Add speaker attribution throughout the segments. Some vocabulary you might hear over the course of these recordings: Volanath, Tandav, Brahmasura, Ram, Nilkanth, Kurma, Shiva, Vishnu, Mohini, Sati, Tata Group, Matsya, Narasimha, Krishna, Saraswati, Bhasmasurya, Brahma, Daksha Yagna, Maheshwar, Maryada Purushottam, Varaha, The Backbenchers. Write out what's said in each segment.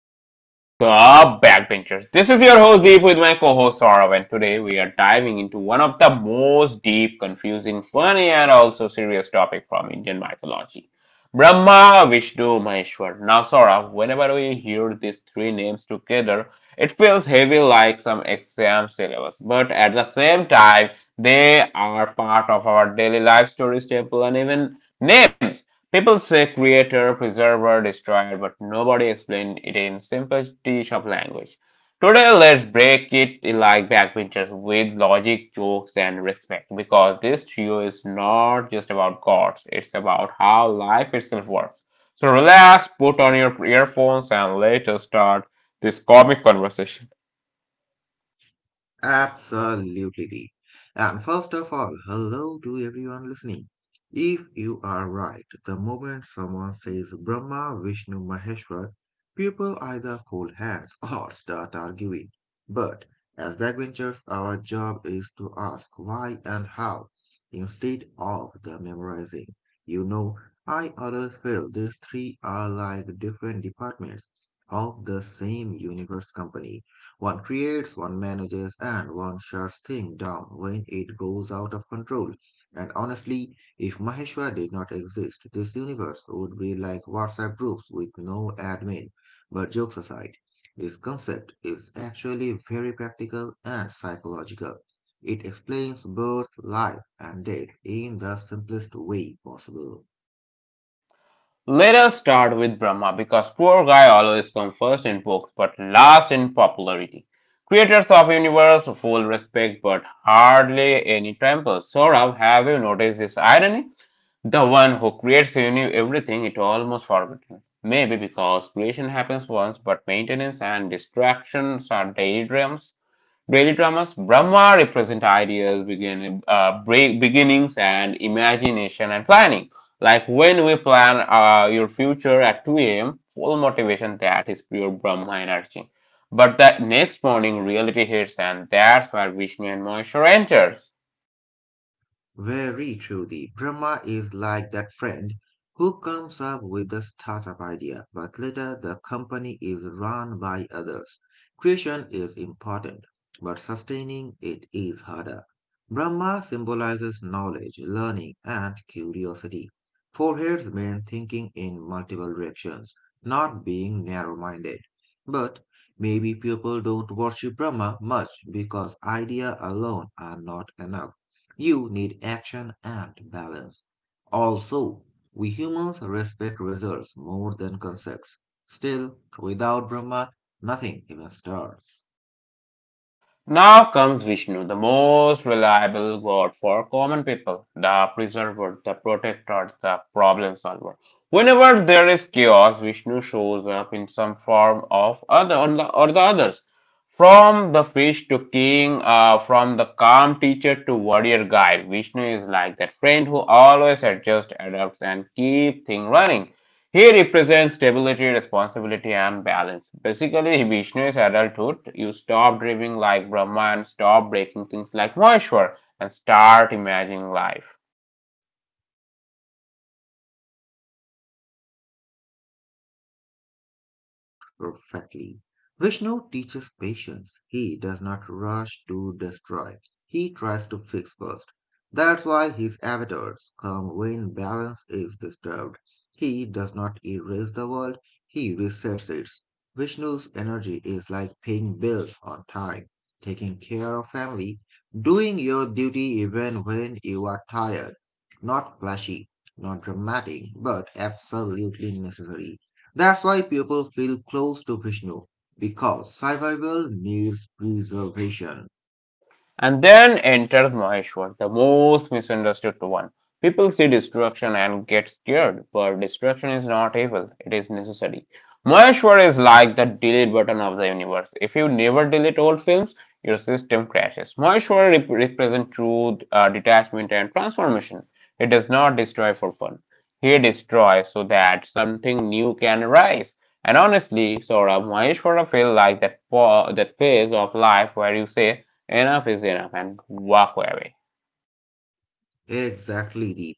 Speaker 1: in our show, The Backbenchers. This is your host Deep with my co-host Saurav, and today we are diving into one of the most deep, confusing, funny, and also serious topic from Indian mythology: Brahma, Vishnu, Maheshwar. Now, Saurav, whenever we hear these three names together, it feels heavy like some exam syllabus, but at the same time, they are part of our daily life stories, temple, and even names. People say creator, preserver, destroyer, but nobody explained it in simple T shop language. Today, let's break it like backbenchers with logic, jokes, and respect because this trio is not just about gods, it's about how life itself works. So, relax, put on your earphones, and let us start this comic conversation.
Speaker 2: Absolutely, Dee. And first of all, hello to everyone listening. If you are right, the moment someone says Brahma, Vishnu, Maheshwar, people either hold hands or start arguing. But as backbenchers, our job is to ask why and how instead of the memorizing. You know, I always feel these three are like different departments of the same universe company. One creates, one manages, and one shuts things down when it goes out of control. And honestly, if Maheshwar did not exist, this universe would be like WhatsApp groups with no admin. But jokes aside, this concept is actually very practical and psychological. It explains birth, life, and death in the simplest way possible.
Speaker 1: Let us start with Brahma because poor guy always comes first in books but last in popularity. Creators of universe, full respect but hardly any temple. Saurabh, have you noticed this irony? The one who creates everything, it almost forgotten. Maybe because creation happens once but maintenance and distractions are daydreams. Daily dramas Brahma represent ideas, beginnings, and imagination and planning. Like when we plan your future at 2 a.m., full motivation that is pure Brahma energy. But the next morning, reality hits, and that's where Vishnu and Maheshwara enters.
Speaker 2: Very truly, Brahma is like that friend who comes up with the startup idea, but later the company is run by others. Creation is important, but sustaining it is harder. Brahma symbolizes knowledge, learning, and curiosity. Foreheads mean thinking in multiple directions, not being narrow minded. But maybe people don't worship Brahma much because ideas alone are not enough. You need action and balance. Also, we humans respect results more than concepts. Still, without Brahma, nothing even starts.
Speaker 1: Now comes Vishnu, the most reliable god for common people, the preserver, the protector, the problem solver. Whenever there is chaos, Vishnu shows up in some form of other or the others. From the fish to king, from the calm teacher to warrior guide, Vishnu is like that friend who always adjusts, adapts, and keeps things running. He represents stability, responsibility, and balance. Basically, Vishnu is adulthood. You stop dreaming like Brahma and stop breaking things like Maheshwar and start imagining life.
Speaker 2: Exactly. And I like that comparison. Vishnu as adulthood fits perfectly. Vishnu teaches patience. He does not rush to destroy. He tries to fix first. That's why his avatars come when balance is disturbed. He does not erase the world, he resets it. Vishnu's energy is like paying bills on time, taking care of family, doing your duty even when you are tired. Not flashy, not dramatic, but absolutely necessary. That's why people feel close to Vishnu, because survival needs preservation.
Speaker 1: And then enters Maheshwar, the most misunderstood one. People see destruction and get scared, but destruction is not evil, it is necessary. Maheshwar is like the delete button of the universe. If you never delete old films, your system crashes. Maheshwar represents truth, detachment, and transformation. It does not destroy for fun. He destroys so that something new can arise. And honestly, Saurabh, Maheshwara feels like that phase of life where you say, enough is enough and walk away.
Speaker 2: Exactly, Deep.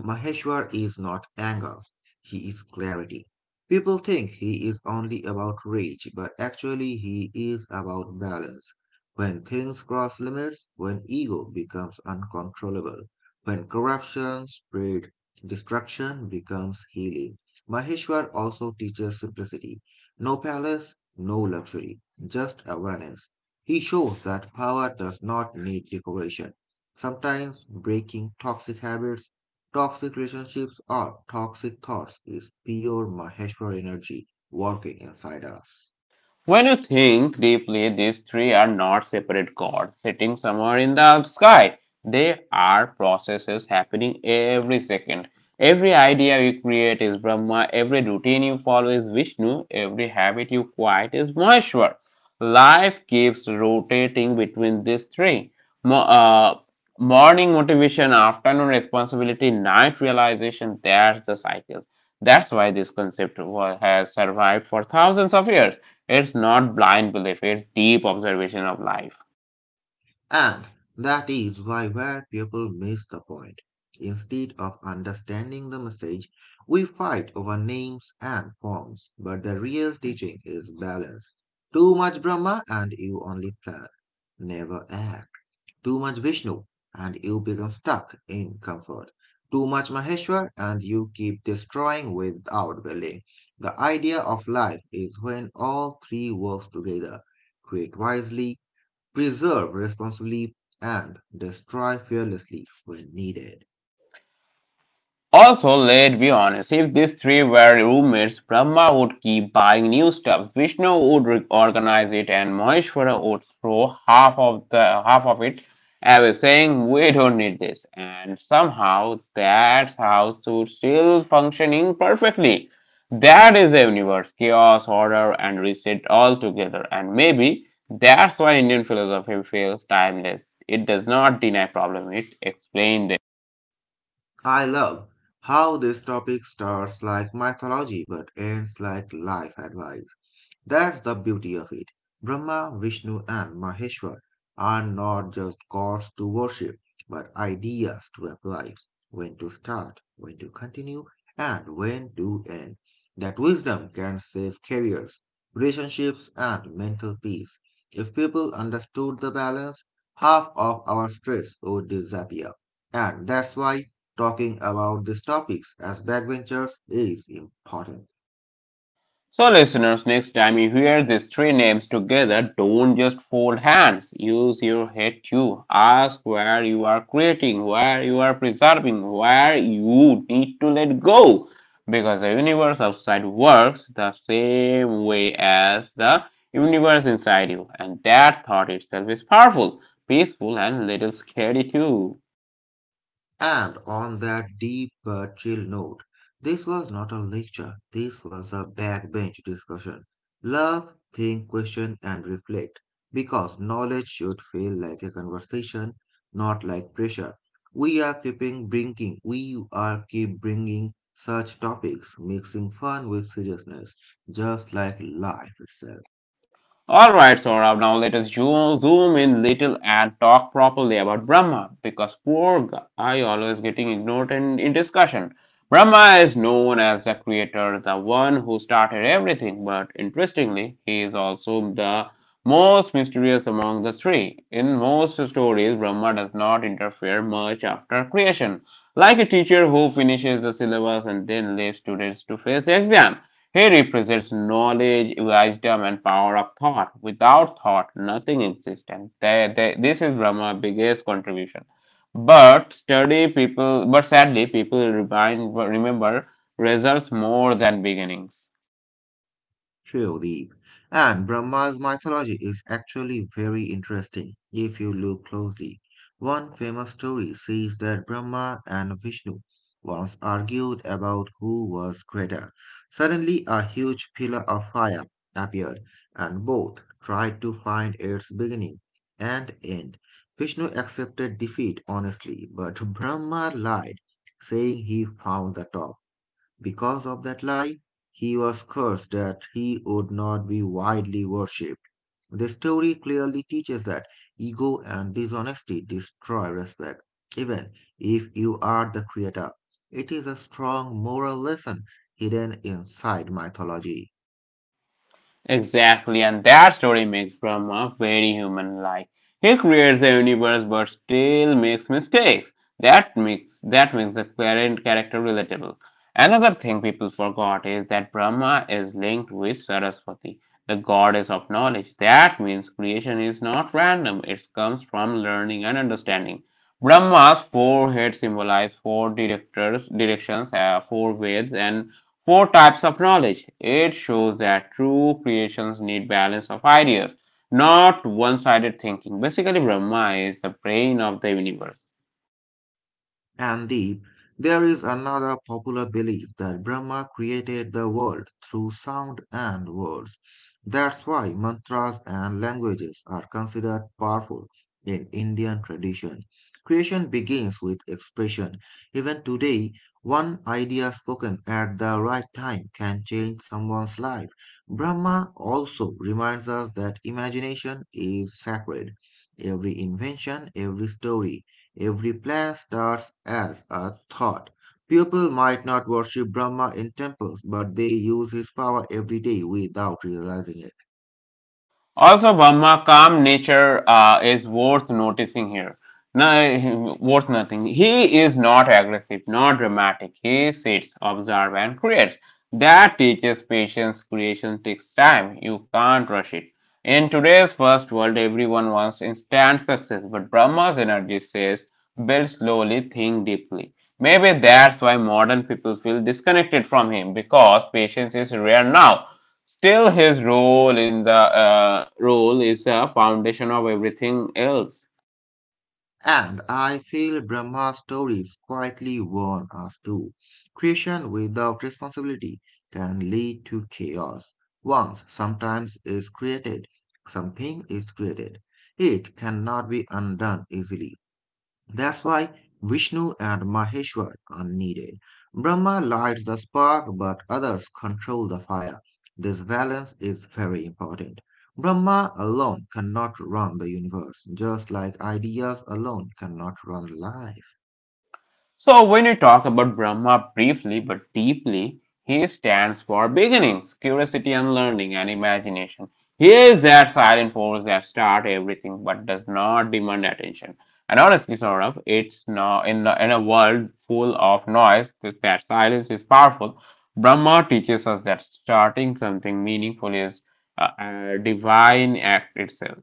Speaker 2: Maheshwar is not anger, he is clarity. People think he is only about rage, but actually he is about balance. When things cross limits, when ego becomes uncontrollable, when corruption spread, destruction becomes healing. Maheshwar also teaches simplicity. No palace, no luxury, just awareness. He shows that power does not need decoration. Sometimes breaking toxic habits, toxic relationships or toxic thoughts is pure Maheshwar energy working inside us.
Speaker 1: When you think deeply, these three are not separate gods sitting somewhere in the sky. They are processes happening every second. Every idea you create is Brahma, every routine you follow is Vishnu, every habit you quiet is Maheshwar. Life keeps rotating between these three. Mo- uh, Morning motivation, afternoon responsibility, night realization, that's the cycle. That's why this concept has survived for thousands of years. It's not blind belief, it's deep observation of life.
Speaker 2: And that is why where people miss the point. Instead of understanding the message, we fight over names and forms, but the real teaching is balance. Too much Brahma and you only plan. Never act. Too much Vishnu and you become stuck in comfort. Too much Maheshwar and you keep destroying without building. The idea of life is when all three works together. Create wisely, preserve responsibly, and destroy fearlessly when needed.
Speaker 1: Also, let's be honest, if these three were roommates, Brahma would keep buying new stuffs, Vishnu would organize it, and Maheshwara would throw half of it away, saying we don't need this. And somehow that house would still functioning perfectly. That is the universe, chaos, order, and reset all together. And maybe that's why Indian philosophy feels timeless. It does not deny problems; it explains them.
Speaker 2: I love how this topic starts like mythology but ends like life advice. That's the beauty of it. Brahma, Vishnu, and Maheshwar are not just gods to worship, but ideas to apply. When to start, when to continue, and when to end. That wisdom can save careers, relationships, and mental peace. If people understood the balance, half of our stress would disappear. And that's why talking about these topics as backbenchers is important.
Speaker 1: So, listeners, next time you hear these three names together, don't just fold hands. Use your head too. Ask where you are creating, where you are preserving, where you need to let go. Because the universe outside works the same way as the universe inside you. And that thought itself is powerful, peaceful, and little scary too.
Speaker 2: And on that deep but chill note, this was not a lecture, this was a backbench discussion. Love, think, question, and reflect. Because knowledge should feel like a conversation, not like pressure. We we are keep bringing such topics, mixing fun with seriousness, just like life itself.
Speaker 1: Alright, Saurabh, now let us zoom in little and talk properly about Brahma because poor guy always getting ignored in discussion. Brahma is known as the creator, the one who started everything, but interestingly, he is also the most mysterious among the three. In most stories, Brahma does not interfere much after creation, like a teacher who finishes the syllabus and then leaves students to face the exam. He represents knowledge, wisdom, and power of thought. Without thought, nothing exists. And this is Brahma's biggest contribution. But sadly, people remember results more than beginnings.
Speaker 2: Surely. And Brahma's mythology is actually very interesting if you look closely. One famous story says that Brahma and Vishnu once argued about who was greater. Suddenly, a huge pillar of fire appeared, and both tried to find its beginning and end. Vishnu accepted defeat honestly, but Brahma lied, saying he found the top. Because of that lie, he was cursed that he would not be widely worshipped. The story clearly teaches that ego and dishonesty destroy respect, even if you are the creator. It is a strong moral lesson hidden inside mythology.
Speaker 1: Exactly, and that story makes Brahma very human like. He creates a universe but still makes mistakes. That makes the current character relatable. Another thing people forgot is that Brahma is linked with Saraswati, the goddess of knowledge. That means creation is not random, it comes from learning and understanding. Brahma's forehead symbolizes four directions, four waves, and four types of knowledge. It shows that true creations need balance of ideas, not one sided thinking. Basically, Brahma is the brain of the universe.
Speaker 2: And Deep, there is another popular belief that Brahma created the world through sound and words. That's why mantras and languages are considered powerful in Indian tradition. Creation begins with expression. Even today, one idea spoken at the right time can change someone's life. Brahma also reminds us that imagination is sacred. Every invention, every story, every plan starts as a thought. People might not worship Brahma in temples, but they use his power every day without realizing it.
Speaker 1: Also, Brahma calm nature is worth noticing here. No, worth nothing. He is not aggressive, not dramatic. He sits, observes, and creates. That teaches patience. Creation takes time. You can't rush it. In today's fast world, everyone wants instant success, but Brahma's energy says build slowly, think deeply. Maybe that's why modern people feel disconnected from him because patience is rare now. Still, his role in the role is a foundation of everything else.
Speaker 2: And I feel Brahma stories quietly warn us too. Creation without responsibility can lead to chaos. Once sometimes is created, something is created. It cannot be undone easily. That's why Vishnu and Maheshwar are needed. Brahma lights the spark, but others control the fire. This balance is very important. Brahma alone cannot run the universe, just like ideas alone cannot run life.
Speaker 1: So, when you talk about Brahma briefly but deeply, he stands for beginnings, curiosity and learning, and imagination. He is that silent force that starts everything but does not demand attention. And honestly, Saurabh, it's not in a world full of noise that that silence is powerful. Brahma teaches us that starting something meaningful is a divine act itself.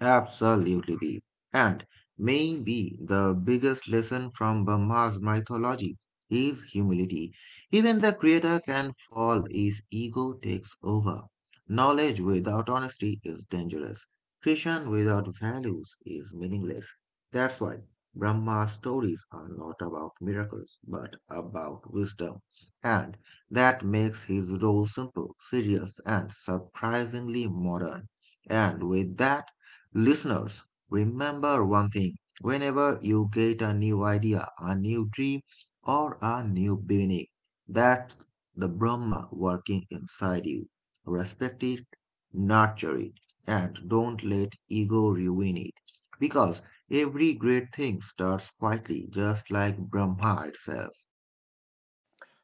Speaker 2: Absolutely, Deep. And maybe the biggest lesson from Brahma's mythology is humility. Even the creator can fall if ego takes over. Knowledge without honesty is dangerous. Creation without values is meaningless. That's why Brahma's stories are not about miracles, but about wisdom. And that makes his role simple, serious, and surprisingly modern. And with that, listeners, remember one thing. Whenever you get a new idea, a new dream, or a new beginning, that's the Brahma working inside you. Respect it, nurture it, and don't let ego ruin it. Because every great thing starts quietly, just like Brahma itself.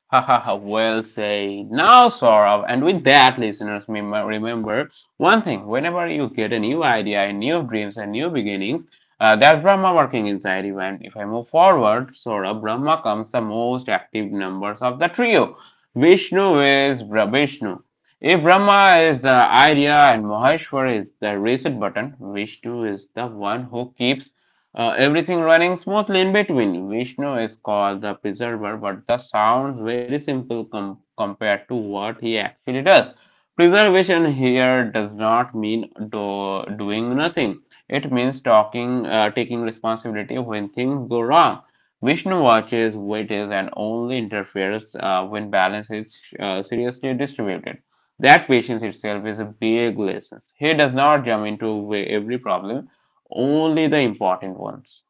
Speaker 1: Ha ha ha, well said. Now, Saurav, and with that, listeners, remember one thing whenever you get a new idea, and new dreams, and new beginnings, that's Brahma working inside you. And if I move forward, Saurav, Brahma comes the most active numbers of the trio. Vishnu is Vishnu. If Brahma is the idea and Maheshwar is the reset button, Vishnu is the one who keeps everything running smoothly in between. Vishnu is called the preserver, but that sounds very simple compared to what he actually does. Preservation here does not mean doing nothing. It means taking responsibility when things go wrong. Vishnu watches, waits, and only interferes when balance is seriously distributed. That patience itself is a big lesson. He does not jump into every problem only the important ones.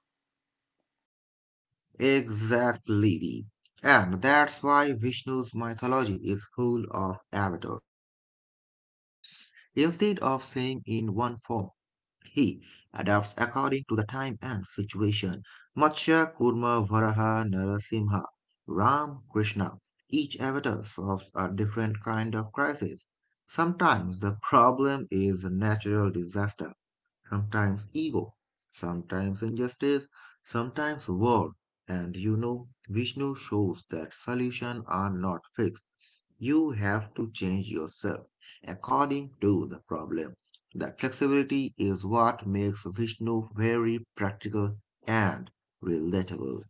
Speaker 2: Exactly. And that's why Vishnu's mythology is full of avatars. Instead of saying in one form, he adapts according to the time and situation. Matsya, Kurma, Varaha, Narasimha, Ram, Krishna. Each avatar solves a different kind of crisis. Sometimes the problem is a natural disaster, sometimes ego, sometimes injustice, sometimes war. And Vishnu shows that solutions are not fixed. You have to change yourself according to the problem. That flexibility is what makes Vishnu very practical and relatable.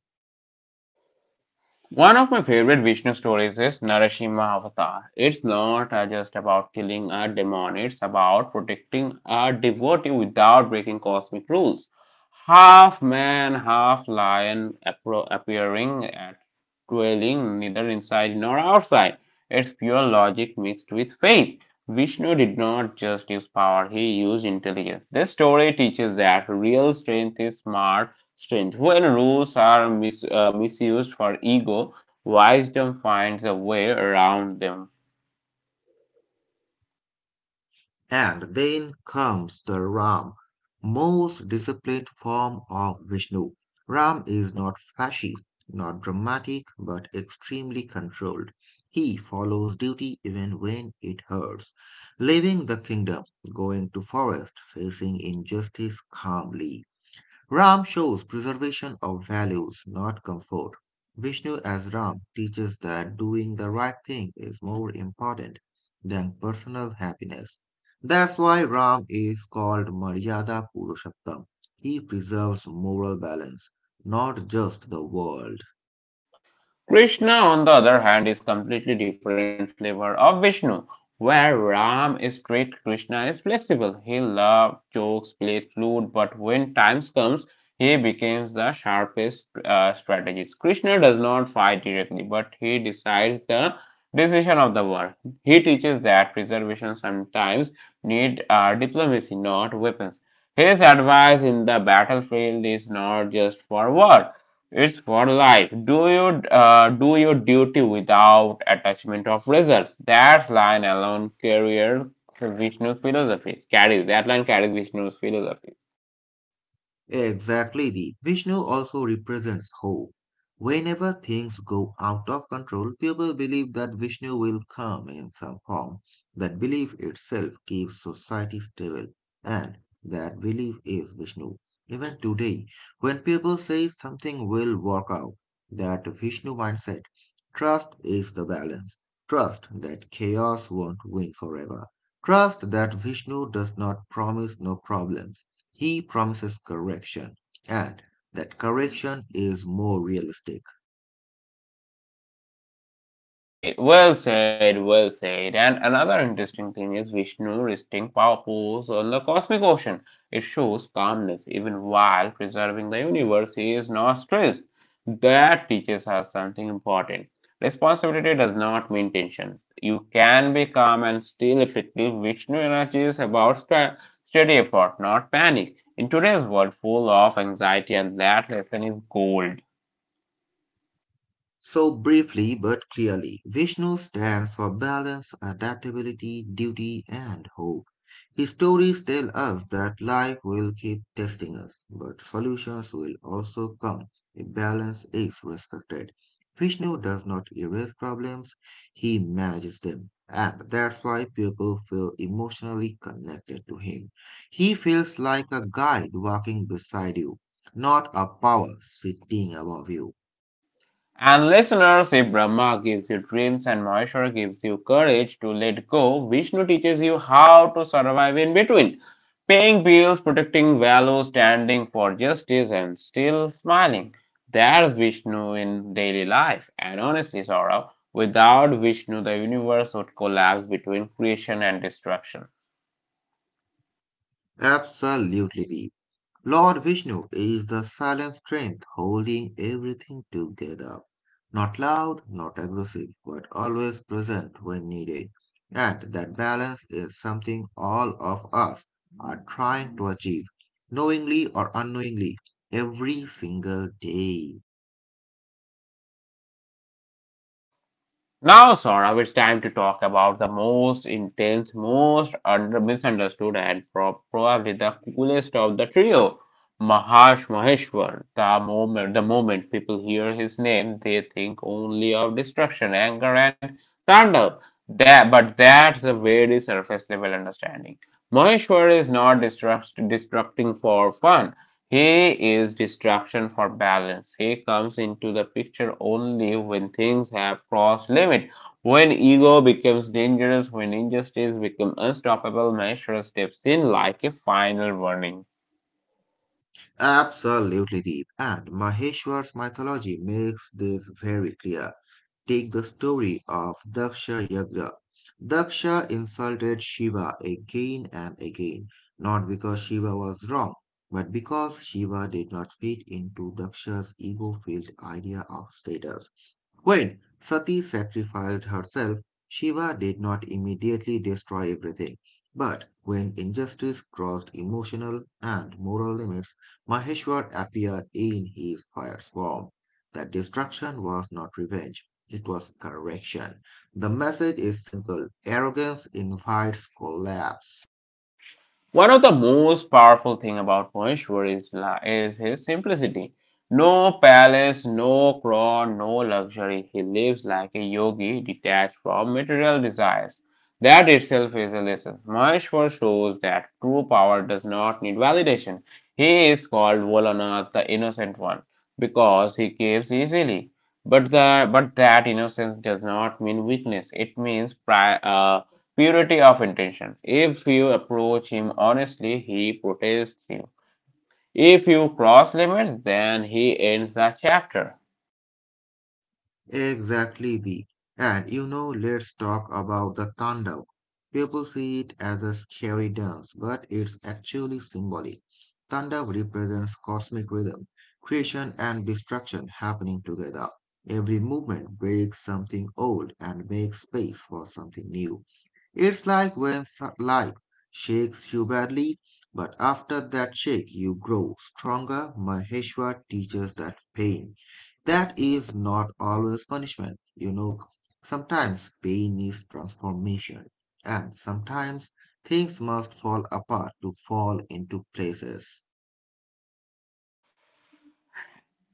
Speaker 1: One of my favorite Vishnu stories is Narasimha Avatar. It's not just about killing a demon, it's about protecting a devotee without breaking cosmic rules. Half man, half lion appearing at dwelling neither inside nor outside. It's pure logic mixed with faith. Vishnu did not just use power, he used intelligence. This story teaches that real strength is smart strength. When rules are misused for ego, wisdom finds a way around them.
Speaker 2: And then comes the Ram, most disciplined form of Vishnu. Ram is not flashy, not dramatic, but extremely controlled. He follows duty even when it hurts, leaving the kingdom, going to forest, facing injustice calmly. Ram shows preservation of values, not comfort. Vishnu as Ram teaches that doing the right thing is more important than personal happiness. That's why Ram is called Maryada Purushottam. He preserves moral balance, not just the world.
Speaker 1: Krishna, on the other hand, is completely different flavor of Vishnu. Where Ram is strict, Krishna is flexible. He loves jokes, plays flute, but when times comes, he becomes the sharpest strategist. Krishna does not fight directly, but he decides the decision of the war. He teaches that preservation sometimes need diplomacy, not weapons. His advice in the battlefield is not just for war. It's for life. Do your duty without attachment of results? That line alone carries Vishnu's philosophy. Carries That line carries Vishnu's philosophy.
Speaker 2: Exactly, the Vishnu also represents hope. Whenever things go out of control, people believe that Vishnu will come in some form. That belief itself keeps society stable, and that belief is Vishnu. Even today, when people say something will work out, that Vishnu mindset, trust is the balance. Trust that chaos won't win forever. Trust that Vishnu does not promise no problems. He promises correction, and that correction is more realistic.
Speaker 1: Hey, well said, well said. And another interesting thing is Vishnu resting power pose on the cosmic ocean. It shows calmness even while preserving the universe. He is not stressed. That teaches us something important. Responsibility does not mean tension. You can be calm and still effective. Vishnu energy is about steady effort, not panic. In today's world full of anxiety, and that lesson is gold.
Speaker 2: So briefly but clearly, Vishnu stands for balance, adaptability, duty, and hope. His stories tell us that life will keep testing us, but solutions will also come if balance is respected. Vishnu does not erase problems, he manages them. And that's why people feel emotionally connected to him. He feels like a guide walking beside you, not a power sitting above you.
Speaker 1: And listeners, if Brahma gives you dreams and Maheshwar gives you courage to let go, Vishnu teaches you how to survive in between, paying bills, protecting values, standing for justice, and still smiling. That's Vishnu in daily life. And honestly, Saurabh, without Vishnu, the universe would collapse between creation and destruction.
Speaker 2: Absolutely, deep. Lord Vishnu is the silent strength holding everything together. Not loud, not aggressive, but always present when needed. And that balance is something all of us are trying to achieve, knowingly or unknowingly, every single day.
Speaker 1: Now, Saurabh, it's time to talk about the most intense, most under misunderstood, and probably the coolest of the trio, Maharsh Maheshwar. The moment people hear his name, they think only of destruction, anger, and thunder. But that's a very surface level understanding. Maheshwar is not destructing for fun. He is destruction for balance. He comes into the picture only when things have crossed limit. When ego becomes dangerous, when injustice becomes unstoppable, measure steps in like a final warning.
Speaker 2: Absolutely, deep. And Maheshwar's mythology makes this very clear. Take the story of Daksha Yagna. Daksha insulted Shiva again and again, not because Shiva was wrong, but because Shiva did not fit into Daksha's ego filled idea of status. When Sati sacrificed herself, Shiva did not immediately destroy everything. But when injustice crossed emotional and moral limits, Maheshwar appeared in his fierce form. That destruction was not revenge, it was correction. The message is simple arrogance invites collapse.
Speaker 1: One of the most powerful thing about Mahishwar is his simplicity. No palace, no crown, no luxury. He lives like a yogi detached from material desires. That itself is a lesson. Maheshwar shows that true power does not need validation. He is called Volanath, the innocent one, because he gives easily. But that innocence does not mean weakness. It means pride. Purity of intention. If you approach him honestly, he protests you. If you cross limits, then he ends the chapter.
Speaker 2: Exactly, the and you know, let's talk about the Tandav. People see it as a scary dance, but it's actually symbolic. Tandav represents cosmic rhythm, creation and destruction happening together. Every movement breaks something old and makes space for something new. It's like when life shakes you badly, but after that shake, you grow stronger. Maheshwar teaches that pain that is not always punishment. Sometimes pain is transformation, and sometimes things must fall apart to fall into places.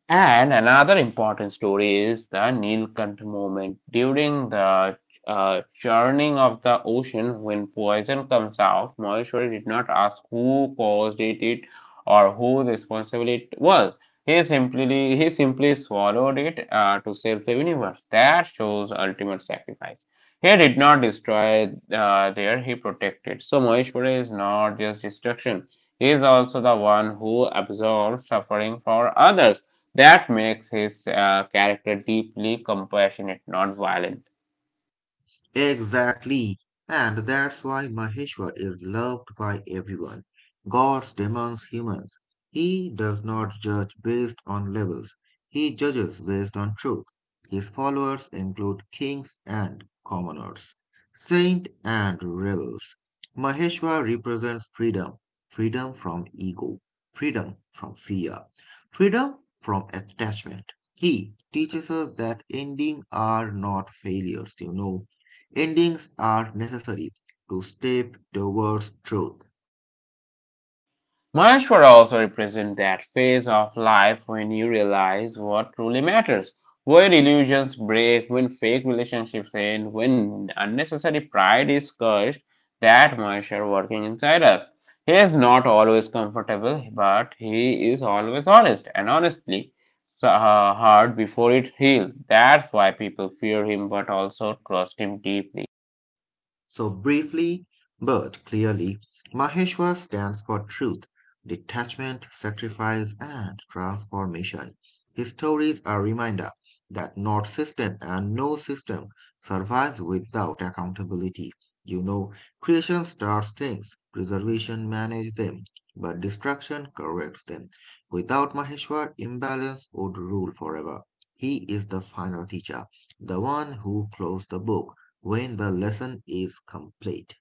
Speaker 1: And another important story is the Nilkanth movement. During the churning of the ocean, when poison comes out, Maheshwari did not ask who caused it, it or who responsible it was. He simply swallowed it to save the universe. That shows ultimate sacrifice. He did not destroy he protected. So Maheshwari is not just destruction. He is also the one who absorbs suffering for others. That makes his character deeply compassionate, not violent.
Speaker 2: Exactly. And that's why Maheshwar is loved by everyone. Gods, demons, humans. He does not judge based on levels. He judges based on truth. His followers include kings and commoners, saints and rebels. Maheshwar represents freedom, freedom from ego, freedom from fear, freedom from attachment. He teaches us that endings are not failures. Endings are necessary to step towards truth.
Speaker 1: Maheshwara also represents that phase of life when you realize what truly matters, when illusions break, when fake relationships end, when unnecessary pride is cursed. That Maheshwara working inside us. He is not always comfortable, but he is always honest, and honestly, so, hard before it heals. That's why people fear him, but also trust him deeply.
Speaker 2: So briefly, but clearly, Maheshwar stands for truth, detachment, sacrifice, and transformation. His stories are a reminder that not system and no system survives without accountability. You know, creation starts things, preservation manages them, but destruction corrects them. Without Maheshwar, imbalance would rule forever. He is the final teacher, the one who closed the book when the lesson is complete.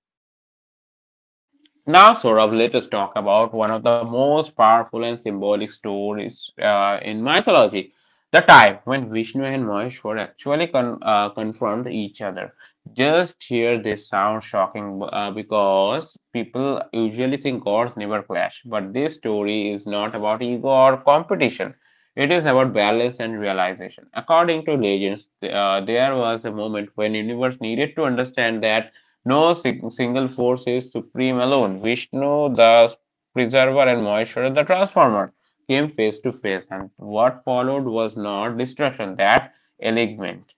Speaker 1: Now, Saurabh, let us talk about one of the most powerful and symbolic stories in mythology. The time when Vishnu and Maheshwar actually confront each other. Just hear this sound shocking because people usually think gods never clash, but this story is not about ego or competition. It is about balance and realization. According to legends, there was a moment when universe needed to understand that no sing- single force is supreme alone. Vishnu, the preserver, and Maheshwara, the transformer, came face to face, and what followed was not destruction, that alignment.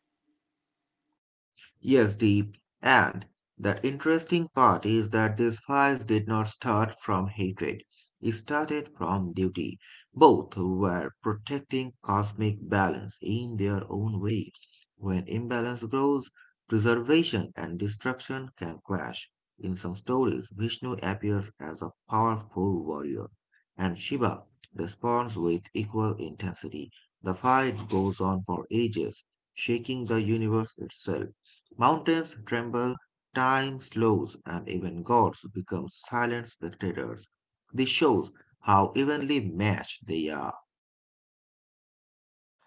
Speaker 2: Yes, Deep. And the interesting part is that these fires did not start from hatred. It started from duty. Both were protecting cosmic balance in their own way. When imbalance grows, preservation and destruction can clash. In some stories, Vishnu appears as a powerful warrior, and Shiva responds with equal intensity. The fight goes on for ages, shaking the universe itself. Mountains tremble, time slows, and even gods become silent spectators. This shows how evenly matched they are.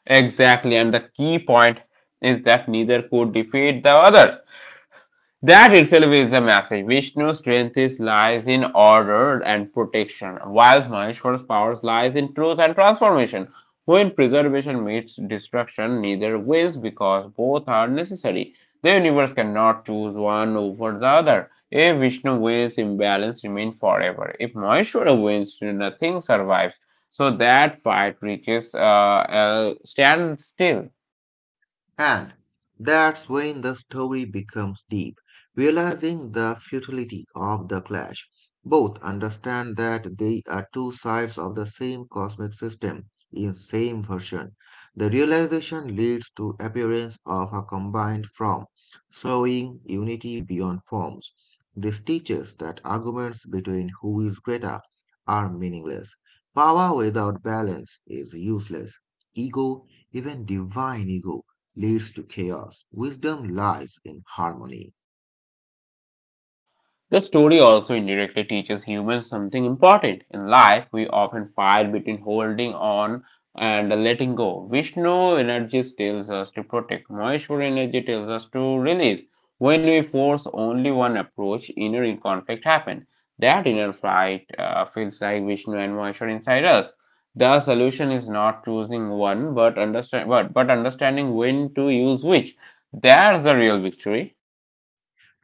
Speaker 1: Exactly, and the key point is that neither could defeat the other. That itself is the message. Vishnu's strength is lies in order and protection, while Maheshwara's powers lies in truth and transformation. When preservation meets destruction, neither wins because both are necessary. The universe cannot choose one over the other. If Vishnu wins, imbalance remains forever. If Maheshwara wins, nothing survives. So that fight reaches a standstill.
Speaker 2: And that's when the story becomes deep, realizing the futility of the clash. Both understand that they are two sides of the same cosmic system in same version. The realization leads to appearance of a combined form, showing unity beyond forms. This teaches that arguments between who is greater are meaningless. Power without balance is useless. Ego, even divine ego, leads to chaos. Wisdom lies in harmony.
Speaker 1: The story also indirectly teaches humans something important. In life, we often fight between holding on and letting go. Vishnu energy tells us to protect, Maheshwar energy tells us to release. When we force only one approach, inner conflict happens. That inner fight feels like Vishnu and Maheshwar inside us. The solution is not choosing one, but but understanding when to use which. That's the real victory.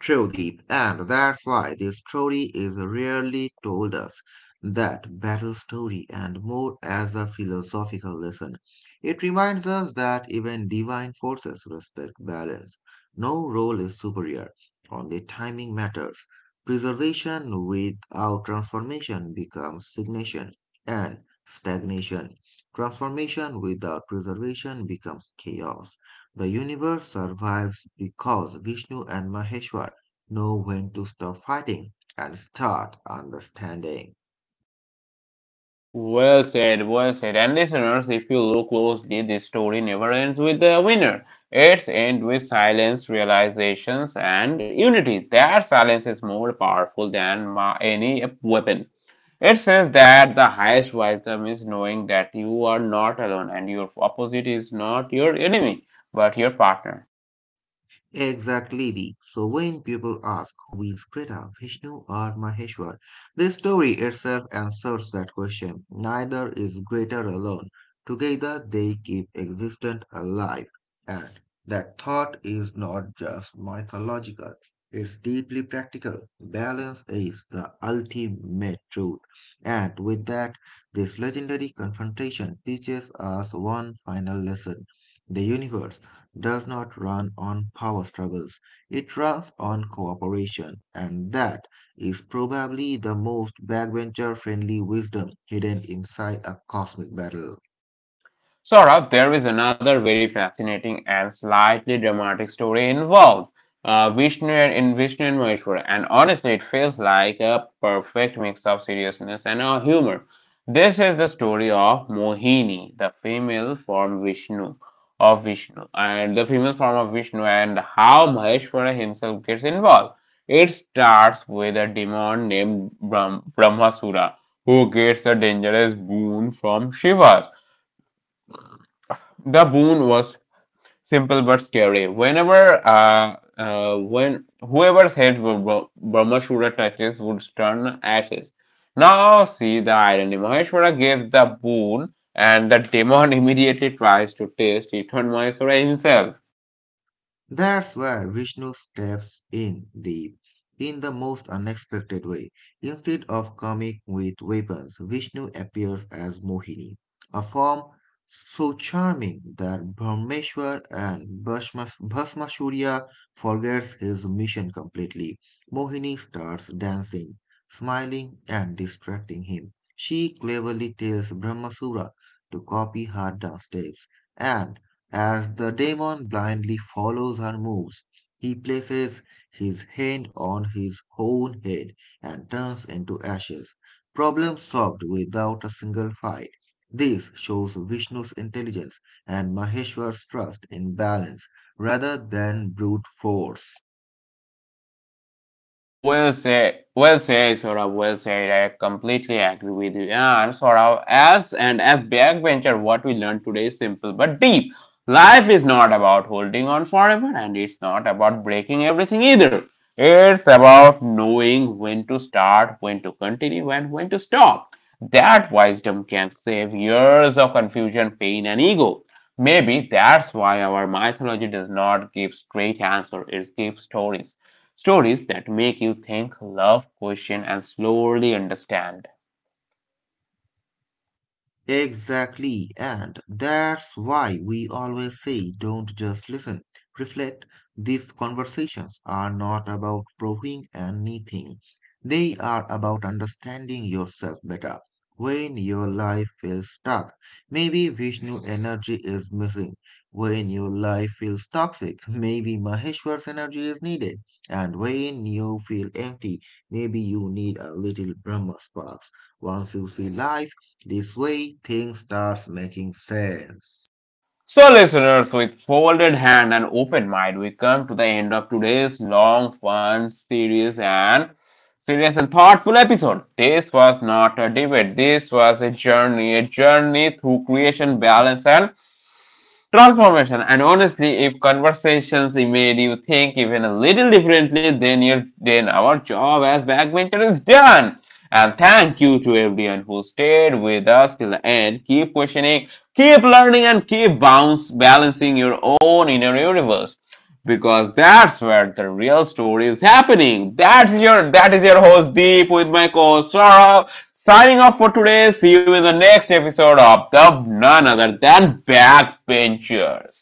Speaker 2: True deep, and that's why this story is rarely told us. That battle story and more as a philosophical lesson. It reminds us that even divine forces respect balance. No role is superior, only timing matters. Preservation without transformation becomes stagnation, and stagnation. Transformation without preservation becomes chaos. The universe survives because Vishnu and Maheshwar know when to stop fighting and start understanding.
Speaker 1: Well said, well said. And listeners, if you look closely, this story never ends with a winner. It's ends with silence, realizations, and unity. That silence is more powerful than any weapon. It says that the highest wisdom is knowing that you are not alone and your opposite is not your enemy, but your partner.
Speaker 2: Exactly. Dee. So when people ask who is Krita, Vishnu or Maheshwar, the story itself answers that question. Neither is greater alone. Together they keep existence alive. And that thought is not just mythological, it's deeply practical. Balance is the ultimate truth. And with that, this legendary confrontation teaches us one final lesson. The universe does not run on power struggles, it runs on cooperation, and that is probably the most backbencher friendly wisdom hidden inside a cosmic battle.
Speaker 1: Saurabh, there is another very fascinating and slightly dramatic story involved. Vishnu and in Vishnu and Maheshwar, and honestly, it feels like a perfect mix of seriousness and humor. This is the story of Mohini, the female form Vishnu of Vishnu, and the female form of Vishnu, and how Maheshwara himself gets involved. It starts with a demon named Brahmasura who gets a dangerous boon from Shiva. The boon was simple but scary. When whoever's head Brahmashura touches would turn ashes. Now see the irony. Maheshwara gave the boon and the demon immediately tries to taste it on Maheshwara himself.
Speaker 2: That's where Vishnu steps in the most unexpected way. Instead of coming with weapons, Vishnu appears as Mohini, a form so charming that Brahmeshwar and Bhasmasurya forgets his mission completely. Mohini starts dancing, smiling and distracting him. She cleverly tells Brahmasura to copy her dance steps, and as the demon blindly follows her moves, he places his hand on his own head and turns into ashes. Problem solved without a single fight. This shows Vishnu's intelligence and Maheshwar's trust in balance rather than brute force.
Speaker 1: Well said, Saurabh, well said. I completely agree with you. Yeah. And Saurabh, as and as backbencher, what we learned today is simple but deep. Life is not about holding on forever, and it's not about breaking everything either. It's about knowing when to start, when to continue, and when to stop. That wisdom can save years of confusion, pain, and ego. Maybe that's why our mythology does not give straight answers, it gives stories. Stories that make you think, love, question, and slowly understand.
Speaker 2: Exactly. And that's why we always say don't just listen, reflect. These conversations are not about proving anything, they are about understanding yourself better. When your life feels stuck, maybe Vishnu energy is missing. When your life feels toxic, maybe Maheshwar's energy is needed. And when you feel empty, maybe you need a little Brahma sparks. Once you see life, this way, things starts making sense.
Speaker 1: So, listeners, with folded hand and open mind, we come to the end of today's long, fun, serious and thoughtful episode. This was not a debate. This was a journey through creation, balance, and transformation. And honestly, if conversations made you think even a little differently, then your then our job as backbencher is done. And thank you to everyone who stayed with us till the end. Keep questioning, keep learning, and keep bounce balancing your own inner universe. Because that's where the real story is happening. That is your host Deep with my co-host Saurabh. Signing off for today. See you in the next episode of the none other than Backbenchers.